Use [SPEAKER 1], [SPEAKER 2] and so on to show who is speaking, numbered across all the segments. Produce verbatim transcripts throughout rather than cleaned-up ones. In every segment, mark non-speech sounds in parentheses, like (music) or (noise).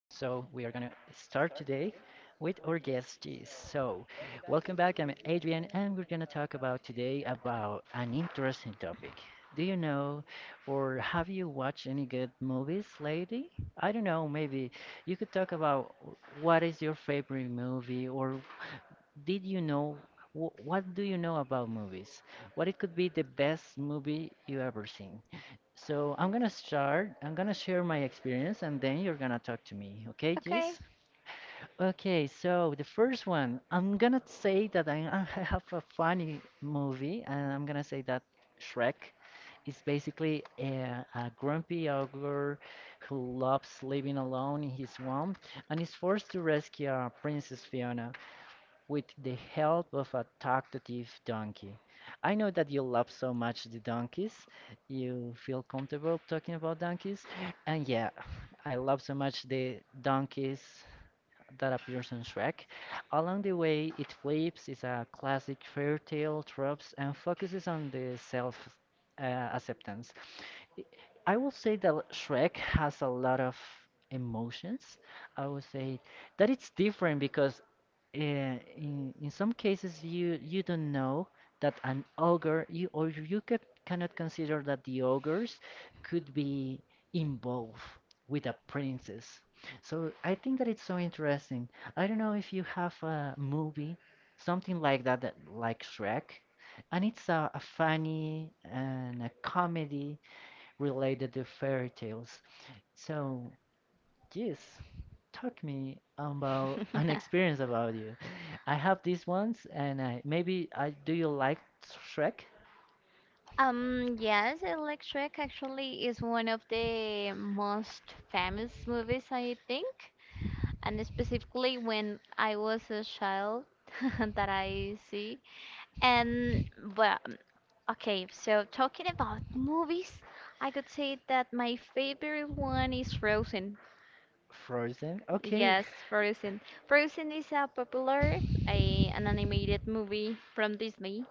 [SPEAKER 1] start today with our guest. Jeez. So, welcome back. I'm Adrian, and we're gonna talk about today about an interesting topic. Do you know or have you watched any good movies lately? I don't know, maybe you could talk about what is your favorite movie or did you know wh- what do you know about movies? What it could be the best movie you ever seen? So I'm gonna start. I'm gonna share my experience, and then you're gonna talk to me. Okay, Jess?
[SPEAKER 2] Okay.
[SPEAKER 1] Okay. So the first one, I'm gonna say that I, (laughs) I have a funny movie, and I'm gonna say that Shrek is basically a, a grumpy ogre who loves living alone in his swamp and is forced to rescue uh, Princess Fiona with the help of a talkative donkey. I know that you love so much the donkeys. You feel comfortable talking about donkeys. And yeah, I love so much the donkeys that appears in Shrek. Along the way, it flips is a classic fairy tale tropes and focuses on the self uh, acceptance. I will say that Shrek has a lot of emotions. I would say that it's different because eh, in, in some cases you you don't know that an ogre you or you could, cannot consider that the ogres could be involved with a princess. So I think that it's so interesting. I don't know if you have a movie, something like that, that like Shrek, and it's a, a funny and a comedy related to fairy tales. So yes, talk me about an experience
[SPEAKER 2] (laughs)
[SPEAKER 1] about you. I have these ones, and I maybe I do you like Shrek?
[SPEAKER 2] Um, yes, Electric actually is one of the most famous movies, I think, and specifically when I was a child (laughs) that I see. And well, okay, so talking about movies, I could say that my favorite one is Frozen.
[SPEAKER 1] Frozen? Okay,
[SPEAKER 2] Yes, Frozen. Frozen is a popular a, an animated movie from Disney.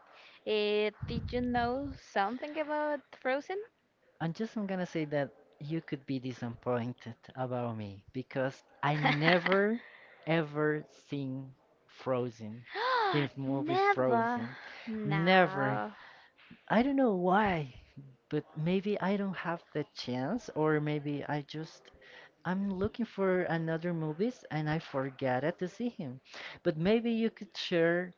[SPEAKER 2] Eh, did you know something about Frozen?
[SPEAKER 1] I'm just I'm gonna say that you could be disappointed about me because I
[SPEAKER 2] (laughs)
[SPEAKER 1] never ever seen Frozen, the movie
[SPEAKER 2] Never.
[SPEAKER 1] Frozen. Never.
[SPEAKER 2] No.
[SPEAKER 1] I don't know why, but maybe I don't have the chance, or maybe I just I'm looking for another movies and I forgot to see him. But maybe you could share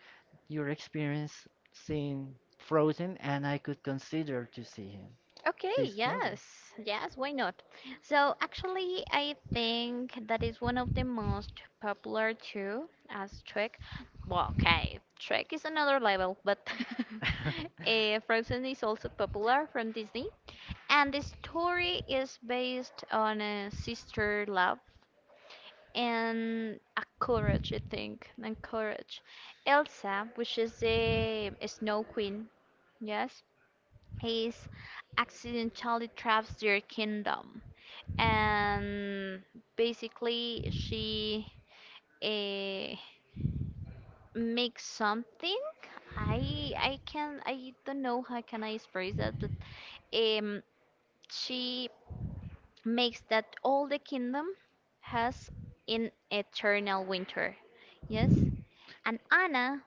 [SPEAKER 1] your experience seeing Frozen and I could consider to see him
[SPEAKER 2] Okay,
[SPEAKER 1] this movie.
[SPEAKER 2] yes. Yes, why not? So, actually, I think that is one of the most popular too as Trek. Well, okay, Trek is another level, but
[SPEAKER 1] (laughs)
[SPEAKER 2] (laughs) eh, Frozen is also popular from Disney. And the story is based on a sister love and a courage, I think, and courage. Elsa, which is the Snow Queen, yes, Ace accidentally traps their kingdom, and basically she uh, makes something. I I can I don't know how can I express that, but um she makes that all the kingdom has in eternal winter. Yes, and Anna,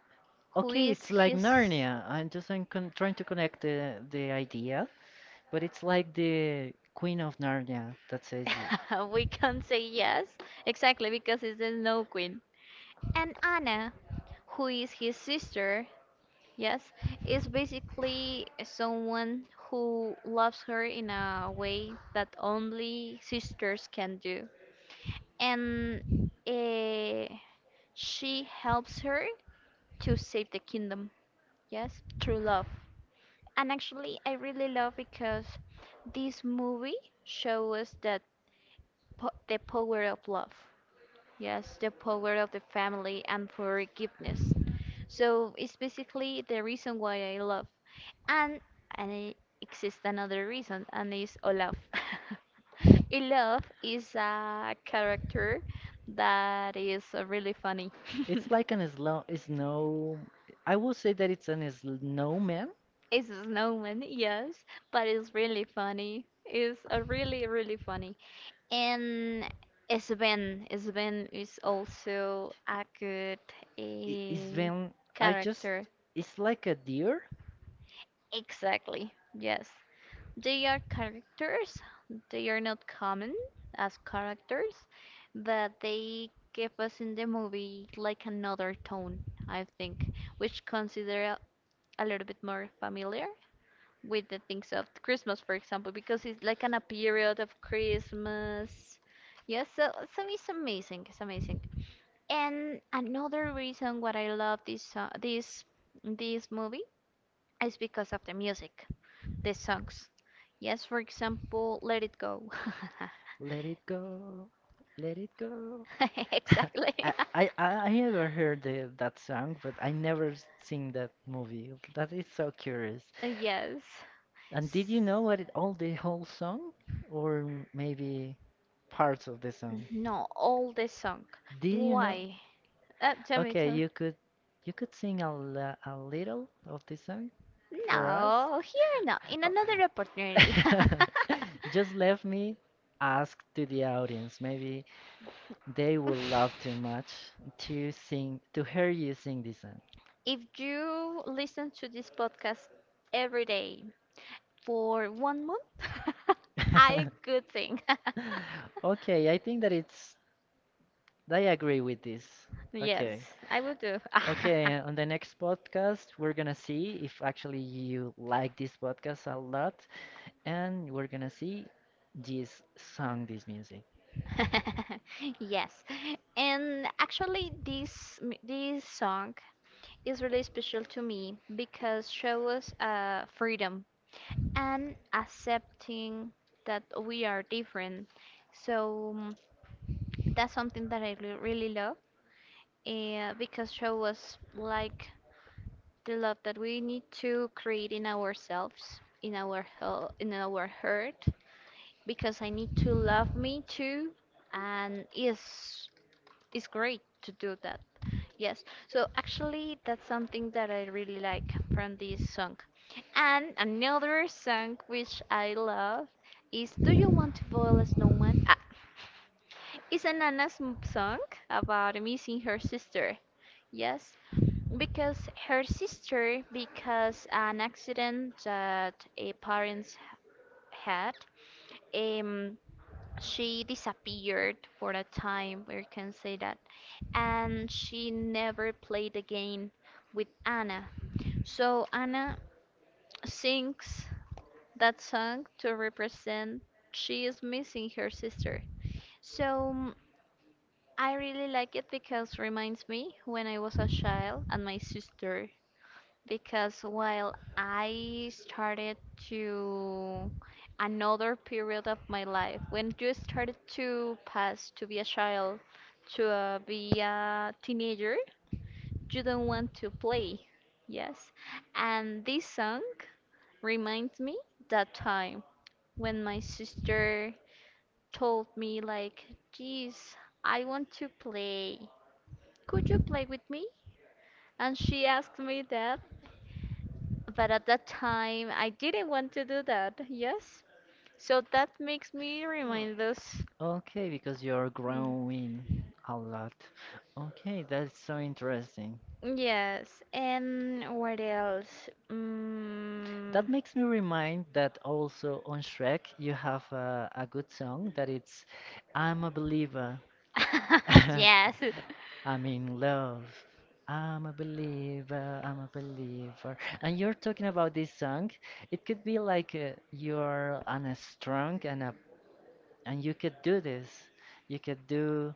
[SPEAKER 2] who
[SPEAKER 1] Okay,
[SPEAKER 2] is
[SPEAKER 1] it's like
[SPEAKER 2] his
[SPEAKER 1] Narnia. I'm just I'm con trying to connect the the idea, but it's like the Queen of Narnia that says it.
[SPEAKER 2] (laughs) we can't say
[SPEAKER 1] (laughs)
[SPEAKER 2] yes, exactly, because it's the snow queen. And Anna, who is his sister, yes, is basically someone who loves her in a way that only sisters can do. And eh, she helps her to save the kingdom, yes, through love. And actually, I really love because this movie shows us that po the power of love. Yes, the power of the family and forgiveness. So it's basically the reason why I love. And and it exists another reason, and is Olaf. (laughs) Olaf is a character that is uh, really funny.
[SPEAKER 1] It's like an
[SPEAKER 2] (laughs)
[SPEAKER 1] slow snow. I will say that it's an snowman
[SPEAKER 2] It's a snowman, yes, but it's really funny. It's a really, really funny. And Sven, Sven is also a good
[SPEAKER 1] I- is
[SPEAKER 2] eh,
[SPEAKER 1] when I just
[SPEAKER 2] character.
[SPEAKER 1] it's like a deer.
[SPEAKER 2] Exactly. Yes. They are characters. They are not common as characters, but they give us in the movie like another tone, I think, which consider a little bit more familiar with the things of Christmas, for example, because it's like an a period of Christmas. Yes, so, so it's amazing. It's amazing. And another reason why I love this so- this this movie is because of the music, the songs. Yes, for example, Let It Go. (laughs)
[SPEAKER 1] Let it go, let it go. (laughs)
[SPEAKER 2] Exactly.
[SPEAKER 1] I
[SPEAKER 2] (laughs)
[SPEAKER 1] I I I never heard the, that song, but I never s- seen that movie. That is so curious.
[SPEAKER 2] Yes.
[SPEAKER 1] And did you
[SPEAKER 2] S-
[SPEAKER 1] know what it all the whole song, or m- maybe parts of the song?
[SPEAKER 2] No, all the song.
[SPEAKER 1] Did you know?
[SPEAKER 2] Why? Uh, tell me,
[SPEAKER 1] Okay,
[SPEAKER 2] tell
[SPEAKER 1] you
[SPEAKER 2] me.
[SPEAKER 1] could you could sing a, li- a little of this song.
[SPEAKER 2] You.
[SPEAKER 1] For us?
[SPEAKER 2] No, here no. In
[SPEAKER 1] Oh.
[SPEAKER 2] another opportunity. (laughs)
[SPEAKER 1] (laughs)
[SPEAKER 2] (laughs)
[SPEAKER 1] Just let me ask to the audience. Maybe they will love too much to sing, to hear you sing this song.
[SPEAKER 2] If you listen to this podcast every day for one month, (laughs) I could
[SPEAKER 1] (laughs)
[SPEAKER 2] sing.
[SPEAKER 1] Okay, I think that it's, I agree with this. Okay.
[SPEAKER 2] Yes, I would do. (laughs)
[SPEAKER 1] Okay, on the next podcast, we're gonna see if actually you like this podcast a lot, and we're gonna see this song, this music.
[SPEAKER 2] Yes. And actually this m- this song is really special to me because shows uh freedom and accepting that we are different. So mm, that's something that I re- really love uh, because show us like the love that we need to create in ourselves, in our hel- in our heart because I need to love me too, and it's it's great to do that. Yes. So actually, that's something that I really like from this song. And another song which I love is "Do You Want to Boil a Snowman?" Ah, it's an Anna's m- song about missing her sister. Yes, because her sister, because an accident that a parents had, um, she disappeared for a time, we can say that, and she never played again with Anna. So Anna sings that song to represent she is missing her sister. So mm, I really like it because reminds me when I was a child and my sister because while I started to another period of my life, when you started to pass to be a child, to uh, be a teenager, you don't want to play. Yes. And this song reminds me that time when my sister told me like, "Geez, I want to play. Could you play with me?" And she asked me that. But at that time, I didn't want to do that. Yes. So that makes me
[SPEAKER 1] Oh,
[SPEAKER 2] remind us.
[SPEAKER 1] okay, because you're growing a lot. Okay, that's so interesting.
[SPEAKER 2] Yes. And what else? Mm.
[SPEAKER 1] That makes me remind that also on Shrek you have a, a good song that it's I'm a Believer.
[SPEAKER 2] (laughs) yes.
[SPEAKER 1] (laughs) I'm in love. I'm a believer, I'm a believer. And you're talking about this song. It could be like uh, you're on a strong and a, and you could do this. You could do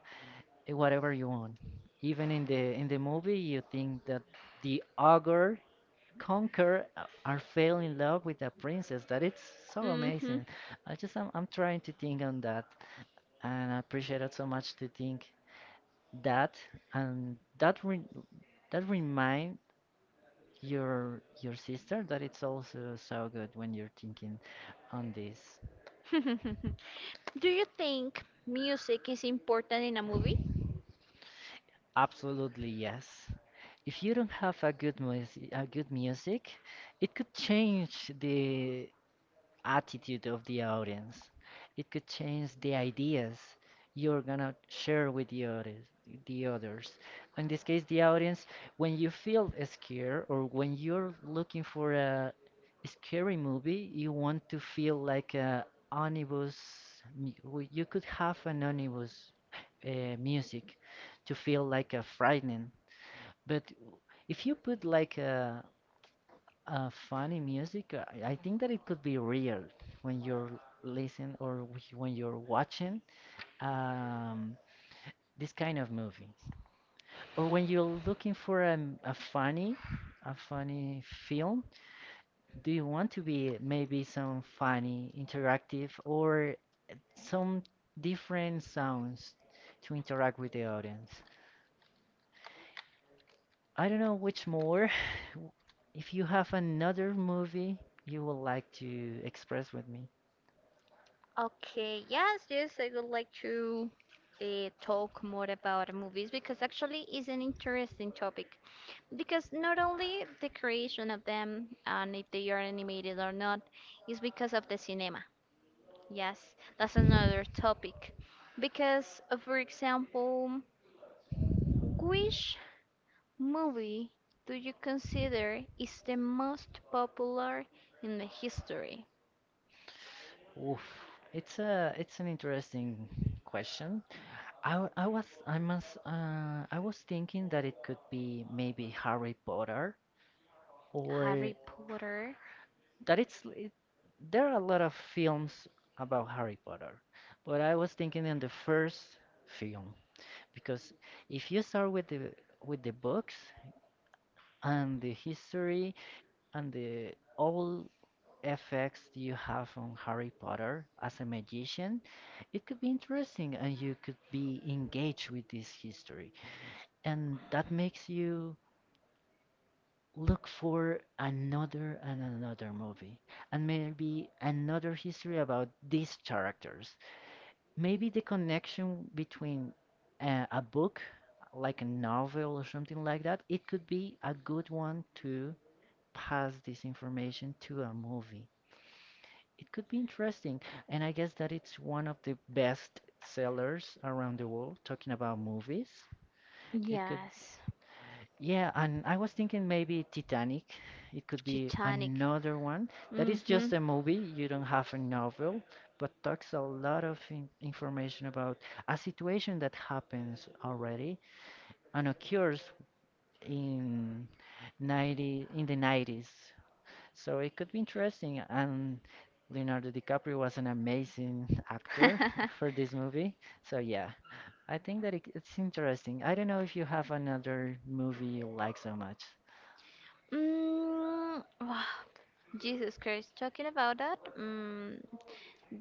[SPEAKER 1] eh, whatever you want. Even in the in the movie, you think that the ogre conquer uh, are fell in love with a princess. That it's so
[SPEAKER 2] hmm
[SPEAKER 1] amazing. I just I'm, I'm trying to think on that, and I appreciate it so much to think that and that re that remind your your sister that it's also so good when you're thinking on this.
[SPEAKER 2] (laughs) Do you think music is important in a movie?
[SPEAKER 1] Absolutely yes. If you don't have a good music, a good music, it could change the attitude of the audience. It could change the ideas you're gonna share with the others. The others. In this case, the audience, when you feel scared or when you're looking for a scary movie, you want to feel like a omnibus. mu- w- You could have an omnibus uh, music to feel like a frightening. But if you put like a uh, funny music. uh, I think that it could be real when you're listening or wh- when you're watching um, this kind of movie, or when you're looking for a, m- a funny, a funny film. Do you want to be maybe some funny, interactive, or some different sounds to interact with the audience? I don't know which more. (sighs) (laughs) If you have another movie you would like to express with me.
[SPEAKER 2] Okay, yes, yes, I would like to uh, talk more about movies because actually it's an interesting topic. Because not only the creation of them and if they are animated or not, is because of the cinema. Yes, that's another topic. Because, uh, for example, which movie do you consider is the most popular in the history?
[SPEAKER 1] Oof. It's a it's an interesting question. I, w- I was I must uh, I was thinking that it could be maybe Harry Potter or
[SPEAKER 2] Harry Potter?
[SPEAKER 1] that it's it, there are a lot of films about Harry Potter, but I was thinking in the first film because if you start with the with the books and the history and the all effects you have on Harry Potter as a magician, it could be interesting and you could be engaged with this history. And that makes you look for another and another movie, and maybe another history about these characters. Maybe the connection between uh, a book, like a novel or something like that, it could be a good one to pass this information to a movie. It could be interesting. And I guess that it's one of the best sellers around the world, talking about movies. It could,
[SPEAKER 2] Yes.
[SPEAKER 1] yeah, and I was thinking maybe Titanic. It could be
[SPEAKER 2] Titanic.
[SPEAKER 1] another one that is
[SPEAKER 2] Mm-hmm.
[SPEAKER 1] just a movie,
[SPEAKER 2] (laughs)
[SPEAKER 1] you don't have a novel, but talks a lot of in information about a situation that happens already and occurs in ninety in the nineties. So it could be interesting. And Leonardo DiCaprio was an amazing actor (laughs) for this movie. So yeah, I think that it, it's interesting. I don't know if you have another movie you like so much.
[SPEAKER 2] mm, wow. Jesus Christ, talking about that, mm,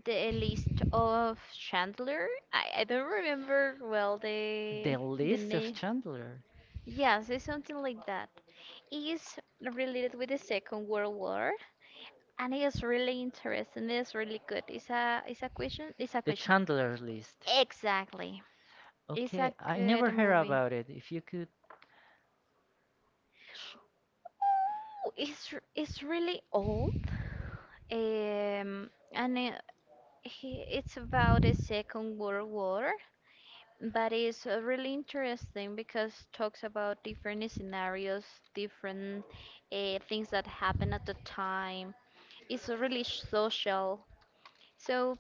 [SPEAKER 2] the list of Chandler. I, I don't remember well
[SPEAKER 1] The
[SPEAKER 2] the the
[SPEAKER 1] List of
[SPEAKER 2] name.
[SPEAKER 1] Chandler.
[SPEAKER 2] Yes, it's something like that. It's related with the Second World War, and it is really interesting. It's really good. It's a it's a question. It's a
[SPEAKER 1] The
[SPEAKER 2] question.
[SPEAKER 1] Chandler List.
[SPEAKER 2] Exactly. It's
[SPEAKER 1] Okay,
[SPEAKER 2] a
[SPEAKER 1] I never
[SPEAKER 2] good
[SPEAKER 1] heard
[SPEAKER 2] movie.
[SPEAKER 1] about it. If you could, sh-
[SPEAKER 2] Oh, it's r- it's really old, um, and it, he, it's about the Second World War, but it's uh, really interesting because talks about different scenarios, different uh, things that happened at the time. It's really social, so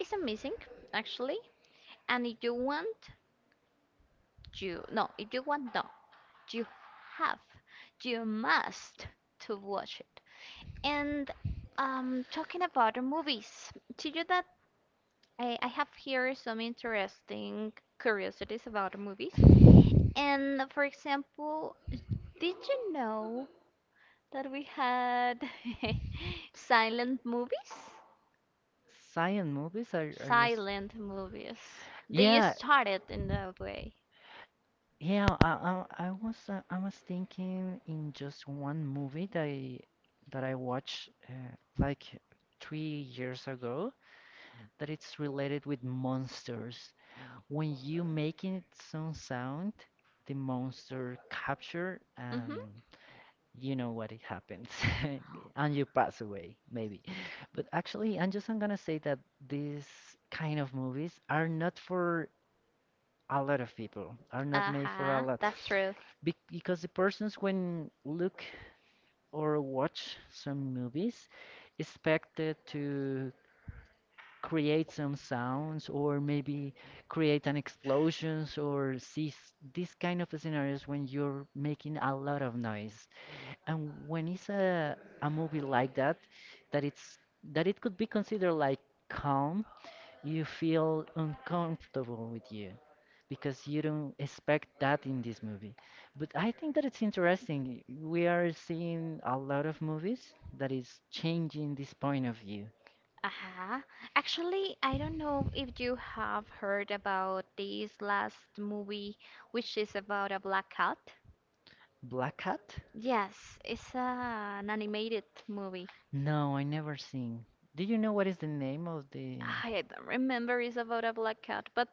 [SPEAKER 2] it's amazing actually. And if you want, you no, if you want, no, you have, you must to watch it. And um, talking about the movies, to you that I, I have here some interesting curiosities about the movies. And for example, did you know that we had (laughs) silent movies?
[SPEAKER 1] silent movies are are just
[SPEAKER 2] Silent movies. They
[SPEAKER 1] yeah,
[SPEAKER 2] started in that way.
[SPEAKER 1] yeah. I, I, I was, uh, I was thinking in just one movie that I, that I watched uh, like three years ago that it's related with monsters. When you making some sound, the monster capture and
[SPEAKER 2] Mm-hmm.
[SPEAKER 1] you know what it happens, (laughs) and you pass away maybe. But actually, I'm just I'm gonna say that these kind of movies are not for a lot of people are not made for a
[SPEAKER 2] Uh-huh,
[SPEAKER 1] lot.
[SPEAKER 2] that's true.
[SPEAKER 1] Be because the persons when look or watch some movies expected to create some sounds or maybe create an explosions or see s- this kind of scenarios when you're making a lot of noise and when it's a, a movie like that that it's that it could be considered like calm you feel uncomfortable with you because you don't expect that in this movie. But I think that it's interesting. We are seeing a lot of movies that is changing this point of view.
[SPEAKER 2] Uh-huh. Actually, I don't know if you have heard about this last movie, which is about a black cat.
[SPEAKER 1] Black Hat?
[SPEAKER 2] Yes, it's uh, an animated movie.
[SPEAKER 1] No, I never seen. Do you know what is the name of the?
[SPEAKER 2] I don't remember it's about a black cat, but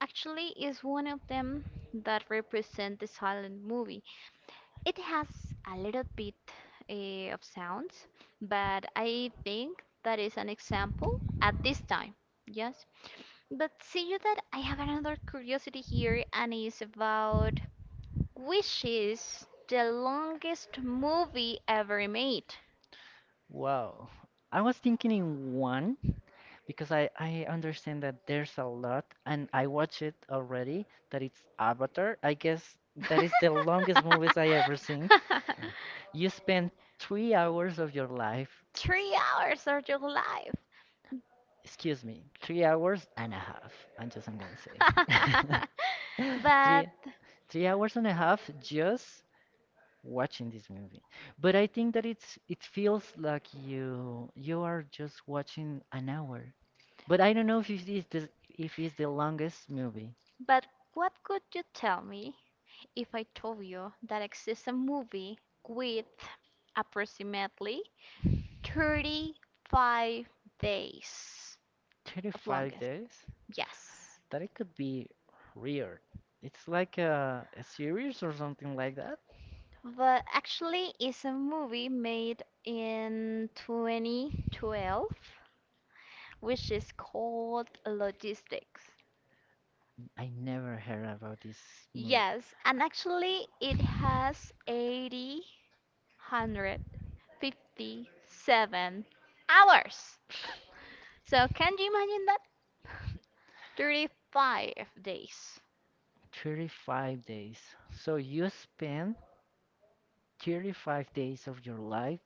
[SPEAKER 2] actually it's one of them that represent the silent movie. It has a little bit uh, of sounds, but I think that is an example at this time. Yes. But see you that I have another curiosity here, and it's about which is the longest movie ever made.
[SPEAKER 1] Wow. I was thinking in one because I, I understand that there's a lot and I watched it already that it's Avatar. I guess that is the
[SPEAKER 2] (laughs)
[SPEAKER 1] longest movies I ever seen. You spend three hours of your life,
[SPEAKER 2] Three hours of your life.
[SPEAKER 1] excuse me, three hours and a half. I'm just I'm gonna say
[SPEAKER 2] (laughs)
[SPEAKER 1] (laughs)
[SPEAKER 2] but
[SPEAKER 1] three three hours and a half just watching this movie. But I think that it's it feels like you you are just watching an hour. But I don't know if it is the if it's the longest movie.
[SPEAKER 2] but what could you tell me if I told you that exists a movie with approximately thirty-five days of
[SPEAKER 1] thirty-five
[SPEAKER 2] longest.
[SPEAKER 1] days?
[SPEAKER 2] Yes.
[SPEAKER 1] That it could be weird. It's like a, a series or something like that.
[SPEAKER 2] But actually, it's a movie made in twenty twelve, which is called Logistics.
[SPEAKER 1] I never heard about this movie.
[SPEAKER 2] Yes, and actually, it has eight hundred fifty-seven hours. So, can you imagine that? thirty-five days.
[SPEAKER 1] thirty-five days. So you spend thirty-five days of your life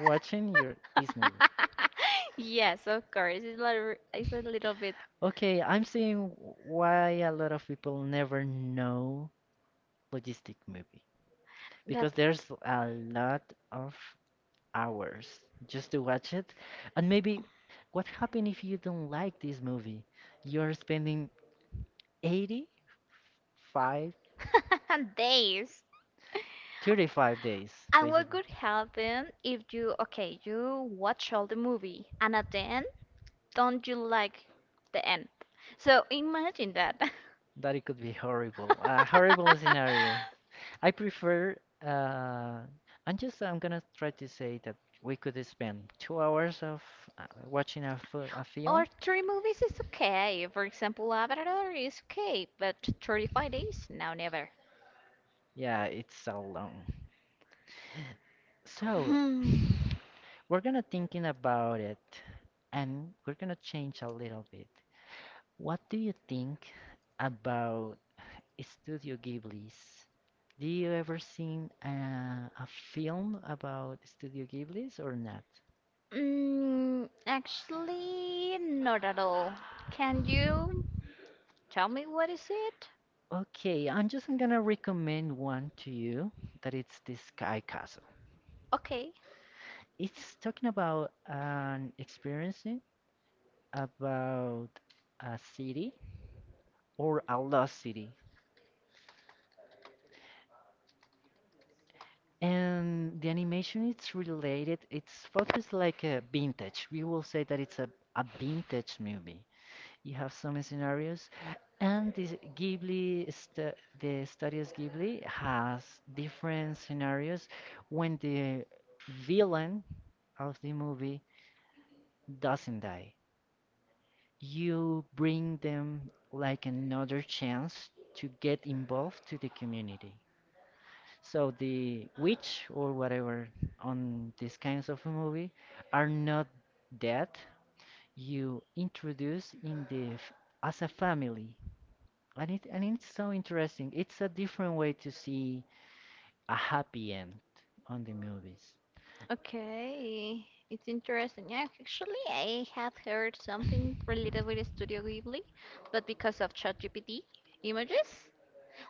[SPEAKER 1] watching your this movie.
[SPEAKER 2] (laughs) Yes, of course. It's a little, it's a little bit,
[SPEAKER 1] Okay, I'm seeing why a lot of people never know logistic movie
[SPEAKER 2] but
[SPEAKER 1] because there's a lot of hours just to watch it. And maybe what happened if you don't like this movie? You're spending 85
[SPEAKER 2] (laughs) days.
[SPEAKER 1] 35 days,
[SPEAKER 2] And what
[SPEAKER 1] basically.
[SPEAKER 2] could happen if you, okay, you watch all the movie and at the end, don't you like the end? So imagine that.
[SPEAKER 1] That it could be horrible. A horrible scenario.
[SPEAKER 2] (laughs)
[SPEAKER 1] I prefer. Uh, I'm just. I'm gonna try to say that we could spend two hours of uh, watching a, fi- a
[SPEAKER 2] Or
[SPEAKER 1] film.
[SPEAKER 2] three movies is okay. For example, Avatar is okay, but thirty-five days? Now never.
[SPEAKER 1] Yeah, it's so long.
[SPEAKER 2] (sighs)
[SPEAKER 1] So
[SPEAKER 2] Hmm.
[SPEAKER 1] (sighs) we're gonna thinking about it, and we're gonna change a little bit. What do you think about Studio Ghibli's. Do you ever seen a, a film about Studio Ghibli's or not?
[SPEAKER 2] Mm, actually, not at all. Can you tell me what is it?
[SPEAKER 1] Okay, I'm just gonna recommend one to you that it's the Sky Castle.
[SPEAKER 2] Okay.
[SPEAKER 1] It's talking about an experiencing about a city or a lost city. And the animation it's related, it's focused like a vintage. We will say that it's a, a vintage movie. You have some scenarios, and this Ghibli, stu the studios Ghibli has different scenarios when the villain of the movie doesn't die. You bring them like another chance to get involved to the community. So the witch or whatever on these kinds of movie are not dead. You introduce in the f- as a family. And it and it's so interesting. It's a different way to see a happy end on the movies.
[SPEAKER 2] Okay, it's interesting. Yeah, actually, I have heard something related with Studio Ghibli, but because of ChatGPT images.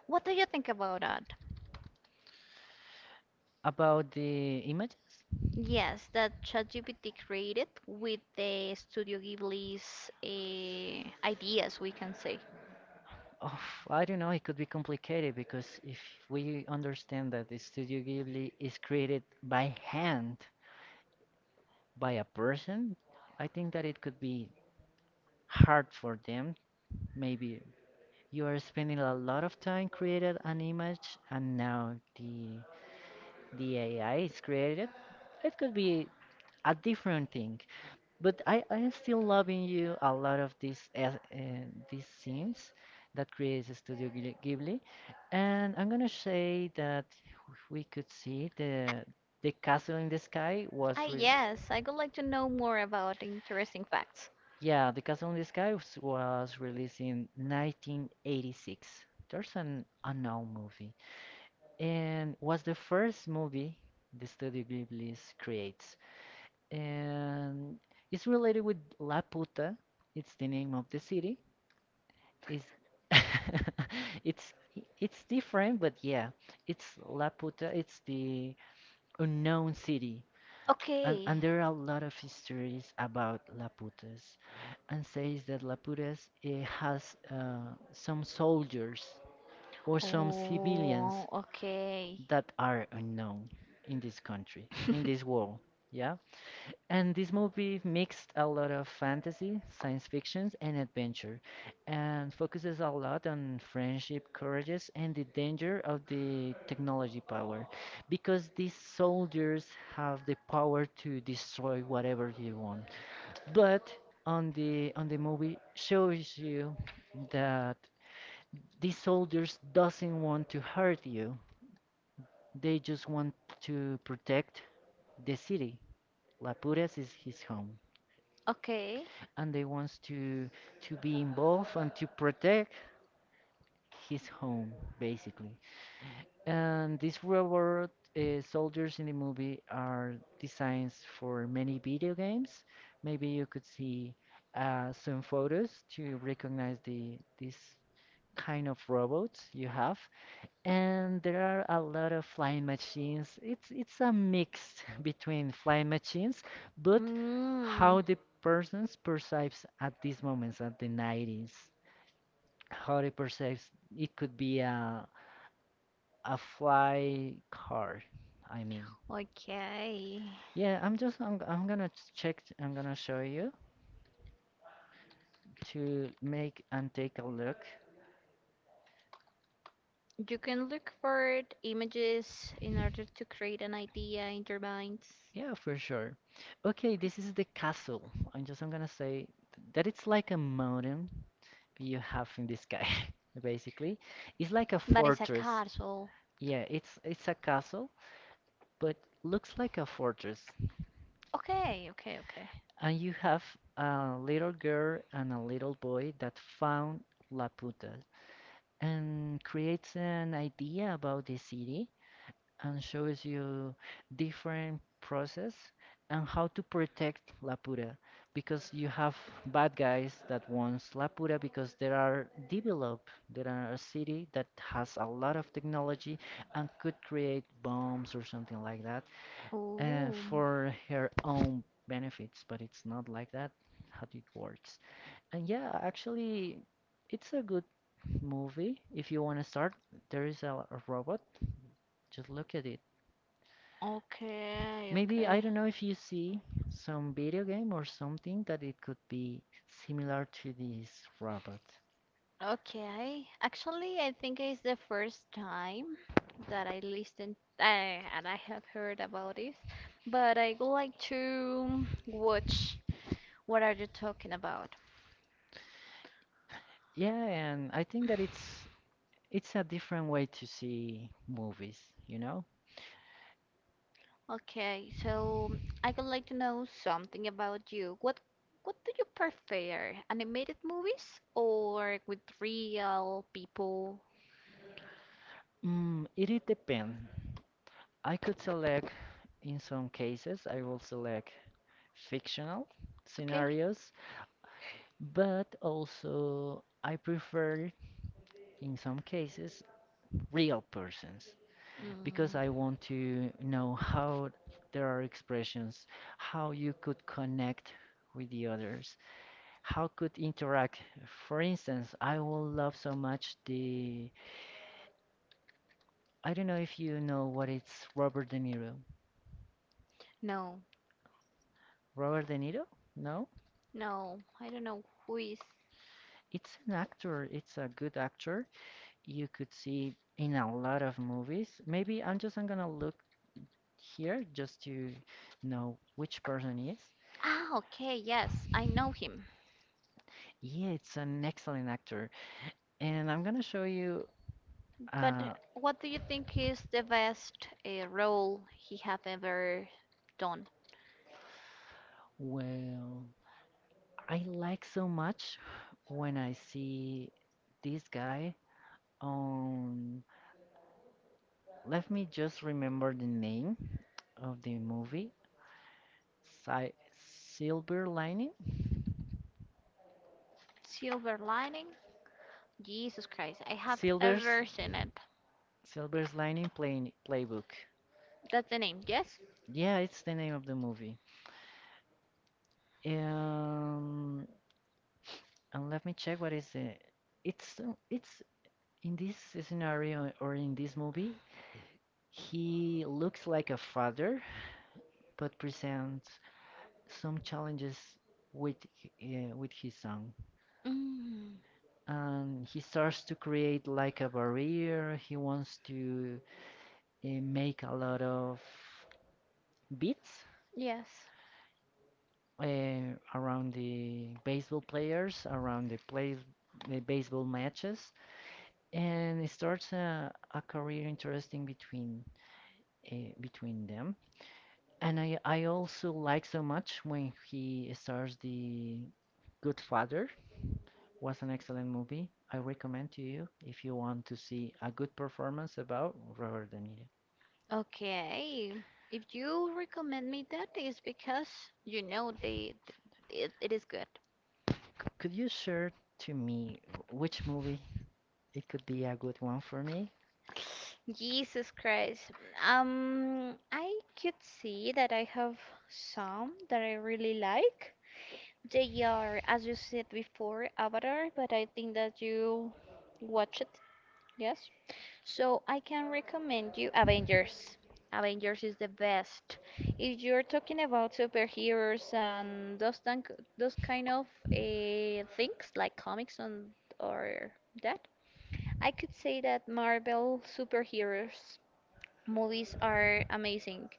[SPEAKER 2] What do you think about that?
[SPEAKER 1] About the images?
[SPEAKER 2] Yes, that ChatGPT created with the Studio Ghibli's uh, ideas, we can say.
[SPEAKER 1] Oh, I don't know, it could be complicated because if we understand that the Studio Ghibli is created by hand by a person, I think that it could be hard for them. Maybe you are spending a lot of time creating an image, and now the the A I is created. It could be a different thing. But I I still loving you a lot of these uh, uh, these scenes that creates Studio Ghibli, Ghibli. And I'm gonna say that we could see the the castle in the sky
[SPEAKER 2] Ah,
[SPEAKER 1] was re
[SPEAKER 2] yes, I would like to know more about interesting facts.
[SPEAKER 1] yeah, the castle in the sky was, was released in nineteen eighty-six. There's an unknown movie, and was the first movie the Studio Ghibli creates, and it's related with La Puta. It's the name of the city. It's (laughs) it's it's different, but yeah, it's La Puta. It's the unknown city, and
[SPEAKER 2] Okay.
[SPEAKER 1] and there are a lot of histories about Laputas, and says that Laputas eh, has uh, some soldiers or some civilians
[SPEAKER 2] Oh, okay.
[SPEAKER 1] that are unknown in this country, in this world. Yeah. And this movie mixed a lot of fantasy, science fiction, and adventure, and focuses a lot on friendship, courages, and the danger of the technology power, because these soldiers have the power to destroy whatever they want. But on the on the movie shows you that these soldiers doesn't want to hurt you. They just want to protect the city. La Puras is his home.
[SPEAKER 2] Okay.
[SPEAKER 1] And they wants to to be involved and to protect his home, basically. And these robot uh, soldiers in the movie are designs for many video games. Maybe you could see uh, some photos to recognize the this kind of robots you have. And there are a lot of flying machines. It's it's a mix (laughs) between flying machines, but
[SPEAKER 2] Mm,
[SPEAKER 1] how the person perceives at these moments at the nineties, how they perceives, it could be a a fly car, I mean.
[SPEAKER 2] okay.
[SPEAKER 1] Yeah, i'm just i'm, I'm gonna check. I'm gonna show you to make and take a look.
[SPEAKER 2] You can look for images in order to create an idea in your mind.
[SPEAKER 1] Yeah, for sure. Okay, this is the castle. I'm just I'm gonna say that it's like a mountain you have in the sky, (laughs) basically. It's like a
[SPEAKER 2] But it's a
[SPEAKER 1] fortress.
[SPEAKER 2] castle.
[SPEAKER 1] Yeah, it's it's a castle, but looks like a fortress.
[SPEAKER 2] Okay, okay, okay.
[SPEAKER 1] And you have a little girl and a little boy that found Laputa and creates an idea about the city and shows you different process and how to protect Laputa, because you have bad guys that wants Laputa because there are developed there are a city that has a lot of technology and could create bombs or something like that uh,
[SPEAKER 2] Oh.
[SPEAKER 1] for her own benefits, but it's not like that how it works. And yeah, actually, it's a good movie. If you want to start, there is a, a robot. Just look at it.
[SPEAKER 2] Okay,
[SPEAKER 1] Maybe I
[SPEAKER 2] okay.
[SPEAKER 1] don't know if you see some video game or something that it could be similar to this robot.
[SPEAKER 2] Okay. Actually, I think it's the first time that I listened uh, and I have heard about this, but I would like to watch what are you talking about.
[SPEAKER 1] Yeah, and I think that it's it's a different way to see movies, you know?
[SPEAKER 2] Okay, so I would like to know something about you. What what do you prefer? Animated movies or with real people?
[SPEAKER 1] Mm, it it depends. I could select, in some cases, I will select fictional
[SPEAKER 2] Okay.
[SPEAKER 1] scenarios, but also I prefer in some cases real persons. Because
[SPEAKER 2] Mm.
[SPEAKER 1] I want to know how there are expressions, how you could connect with the others, how could interact. For instance, I will love so much the I don't know if you know what it's Robert De Niro.
[SPEAKER 2] No,
[SPEAKER 1] Robert De Niro? No?
[SPEAKER 2] no, I don't know who is.
[SPEAKER 1] It's an actor, it's a good actor. You could see in a lot of movies. Maybe I'm just I'm gonna look here just to know which person he is.
[SPEAKER 2] Ah, okay, yes, I know him.
[SPEAKER 1] Yeah, it's an excellent actor. And I'm gonna show you.
[SPEAKER 2] But uh,
[SPEAKER 1] Uh,
[SPEAKER 2] what do you think is the best uh, role he have ever done?
[SPEAKER 1] well, I like so much when I see this guy on. Let me just remember the name of the movie. Si- Silver Lining?
[SPEAKER 2] Silver Lining? Jesus Christ, I have
[SPEAKER 1] Silver's
[SPEAKER 2] ever seen it.
[SPEAKER 1] Silver's Lining play- Playbook.
[SPEAKER 2] That's the name, yes?
[SPEAKER 1] Yeah, it's the name of the movie. Um, and let me check what is it. It's uh, it's in this scenario or in this movie, he looks like a father but presents some challenges with h- uh, with his song.
[SPEAKER 2] Mm,
[SPEAKER 1] And he starts to create like a barrier. He wants to uh, make a lot of beats
[SPEAKER 2] yes.
[SPEAKER 1] uh, around the baseball players, around the plays the baseball matches, and it starts a, a career interesting between uh, between them. And I, I also like so much when he starts the Good Father was an excellent movie. I recommend to you if you want to see a good performance about Robert De Niro.
[SPEAKER 2] Okay. If you recommend me that is because you know they, th- it, it is good.
[SPEAKER 1] Could you share to me which movie it could be a good one for me?
[SPEAKER 2] Jesus Christ. Um, I could see that I have some that I really like. They are, as you said before, Avatar, but I think that you watch it, yes? So I can recommend you Avengers. Avengers is the best. If you're talking about superheroes and those tank, those kind of uh, things like comics and or that, I could say that Marvel superheroes movies are amazing.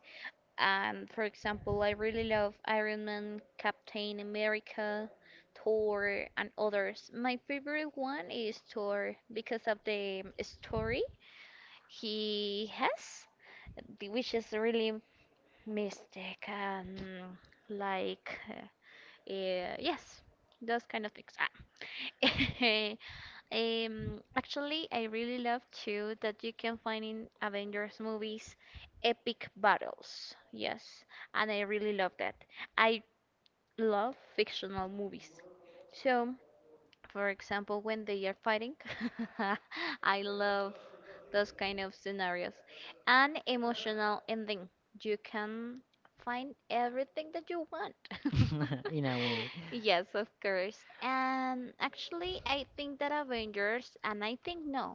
[SPEAKER 2] And for example, I really love Iron Man, Captain America, Thor, and others. My favorite one is Thor because of the story he has, the- which is really mystic and like, uh, eh, yes, those kind of things. Ah. (laughs) Um, actually, I really love too that you can find in Avengers movies epic battles. Yes, and I really love that. I love fictional movies. So, for example when they are fighting (laughs) I love those kind of scenarios, an emotional ending. You can find everything that you want.
[SPEAKER 1] (laughs) In a movie.
[SPEAKER 2] (laughs) Yes, of course. And actually I think that avengers and I think no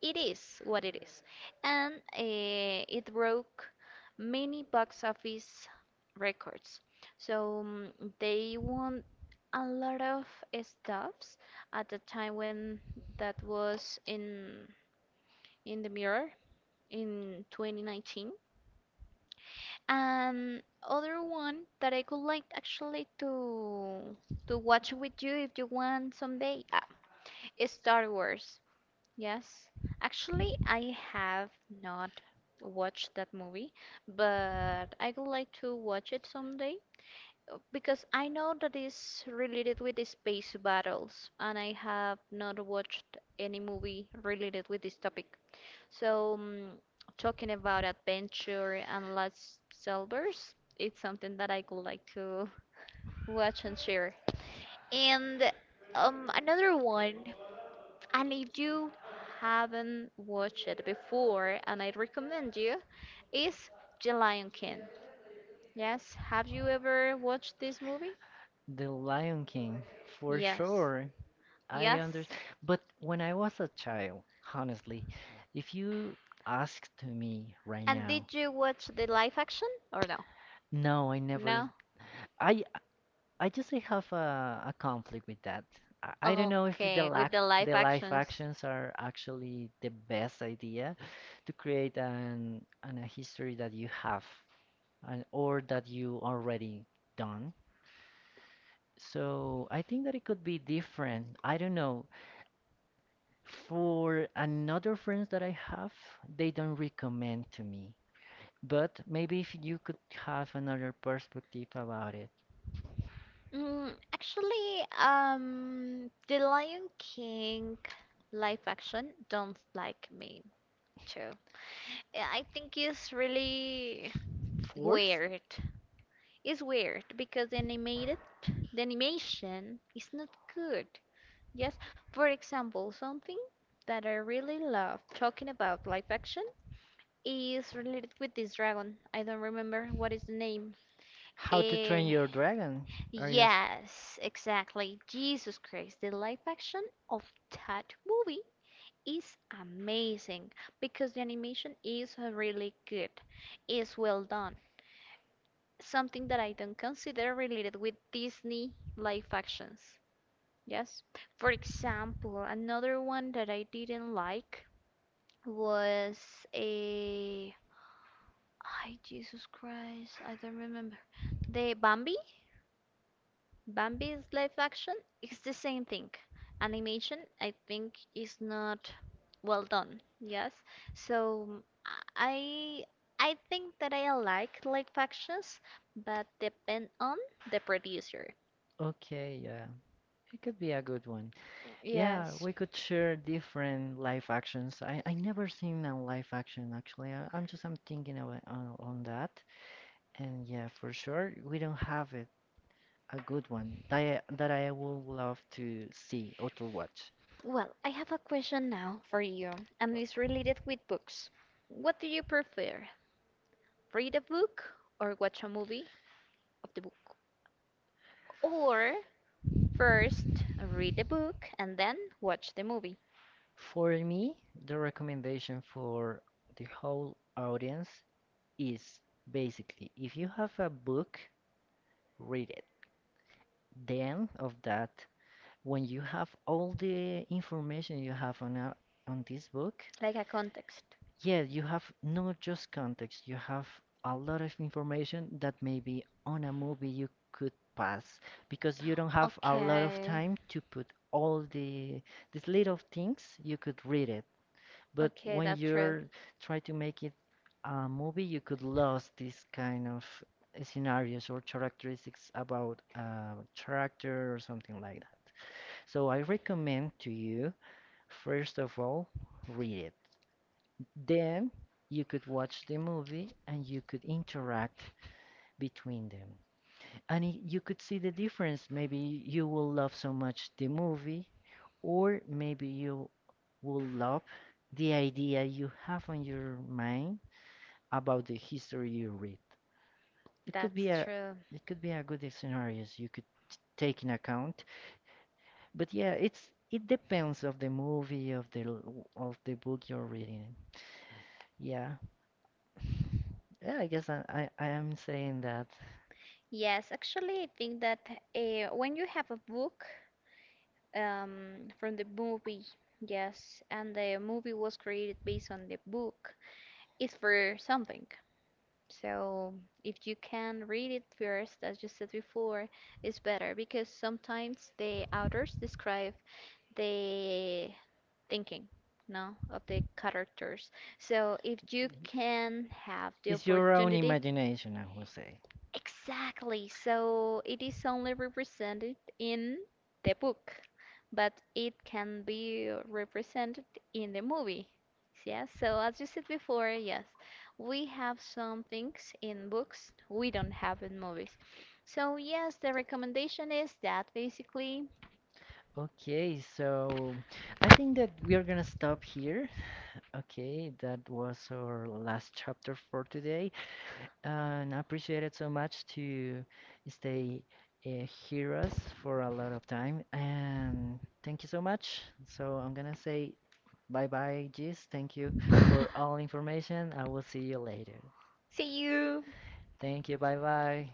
[SPEAKER 2] it is what it is, and eh, it broke many box office records. So mm, they won a lot of stuffs at the time when that was in in the mirror in twenty nineteen. And other one that I could like actually to to watch with you if you want someday, ah, is Star Wars. Yes, actually I have not watched that movie, but I would like to watch it someday because I know that is related with the space battles, and I have not watched any movie related with this topic. So, mm, talking about adventure and last Selvers, it's something that I would like to (laughs) watch and share. And um, another one, and if you haven't watched it before, and I recommend you, is The Lion King. Yes, have you ever watched this movie?
[SPEAKER 1] The Lion King, for
[SPEAKER 2] Yes,
[SPEAKER 1] sure. I
[SPEAKER 2] yes.
[SPEAKER 1] understand. But when I was a child, honestly, if you asked me right
[SPEAKER 2] And
[SPEAKER 1] now,
[SPEAKER 2] did you watch the live action or no?
[SPEAKER 1] no, I never.
[SPEAKER 2] No?
[SPEAKER 1] I I just I have a, a conflict with that. I, I don't know if the
[SPEAKER 2] Okay, with
[SPEAKER 1] lac
[SPEAKER 2] the live
[SPEAKER 1] the live
[SPEAKER 2] actions.
[SPEAKER 1] actions are actually the best idea to create an, an a history that you have and or that you already done. So I think that it could be different. I don't know. For another friends that I have, they don't recommend to me. But maybe if you could have another perspective about it.
[SPEAKER 2] Mm, actually, um, the Lion King live action don't like me too. Yeah, I think it's really
[SPEAKER 1] Fourth,
[SPEAKER 2] weird. It's weird because the animated, the animation is not good. Yes, for example, something that I really love talking about live action is related with this dragon. I don't remember what is the name.
[SPEAKER 1] how to
[SPEAKER 2] Eh,
[SPEAKER 1] train your dragon. Are you?
[SPEAKER 2] yes, exactly. Jesus Christ, the live action of that movie is amazing because the animation is really good. It's well done. Something that I don't consider related with Disney live actions. Yes. For example, another one that I didn't like was a I Jesus Christ, I don't remember. The Bambi? Bambi's live action? It's the same thing. Animation, I think, is not well done. Yes. So mm, I I think that I like live actions, but depend on the producer.
[SPEAKER 1] Okay, yeah. It could be a good one. Yeah,
[SPEAKER 2] Yes.
[SPEAKER 1] we could share different live actions. I, I never seen a live action actually. I, I'm just I'm thinking about on, on that. And yeah, for sure we don't have it a good one that I, that I would love to see or to watch.
[SPEAKER 2] Well, I have a question now for you, and it's related with books. What do you prefer? Read a book or watch a movie of the book? Or first read the book and then watch the movie,
[SPEAKER 1] For me, the recommendation for the whole audience is basically if you have a book, read it. The end of that, when you have all the information you have on a, on this book,
[SPEAKER 2] like a context.
[SPEAKER 1] yeah, you have not just context, you have a lot of information that maybe on a movie you could pass because you don't have a lot of
[SPEAKER 2] Okay.
[SPEAKER 1] time to put all the these little things you could read it. But
[SPEAKER 2] Okay,
[SPEAKER 1] when
[SPEAKER 2] that's true.
[SPEAKER 1] you're trying to make it a movie, you could lose this kind of scenarios or characteristics about a character or something like that. So I recommend to you, first of all, read it. Then you could watch the movie and you could interact between them and y- you could see the difference. Maybe you will love so much the movie, or maybe you will love the idea you have on your mind about the history you read. It could be
[SPEAKER 2] That's
[SPEAKER 1] a
[SPEAKER 2] true.
[SPEAKER 1] it could be a good scenarios you could t- take in account. But yeah, it's it depends of the movie of the l- of the book you're reading. Yeah, (sighs) yeah. I guess I I, I am saying that.
[SPEAKER 2] Yes, actually, I think that uh, when you have a book um, from the movie, yes, and the movie was created based on the book, it's for something. So if you can read it first, as you said before, it's better because sometimes the authors describe the thinking, no, of the characters. So if you can have the
[SPEAKER 1] It's your own
[SPEAKER 2] opportunity,
[SPEAKER 1] imagination, I will say.
[SPEAKER 2] exactly. So it is only represented in the book, but it can be represented in the movie. Yeah, so as you said before, yes, we have some things in books we don't have in movies. So yes, the recommendation is that basically
[SPEAKER 1] Okay, so I think that we are gonna stop here. Okay, that was our last chapter for today, and I appreciate it so much to stay uh, hear us for a lot of time. And thank you so much. So I'm gonna say bye bye, Gis. Thank you for all information. I will see you later.
[SPEAKER 2] see you.
[SPEAKER 1] Thank you. Bye bye.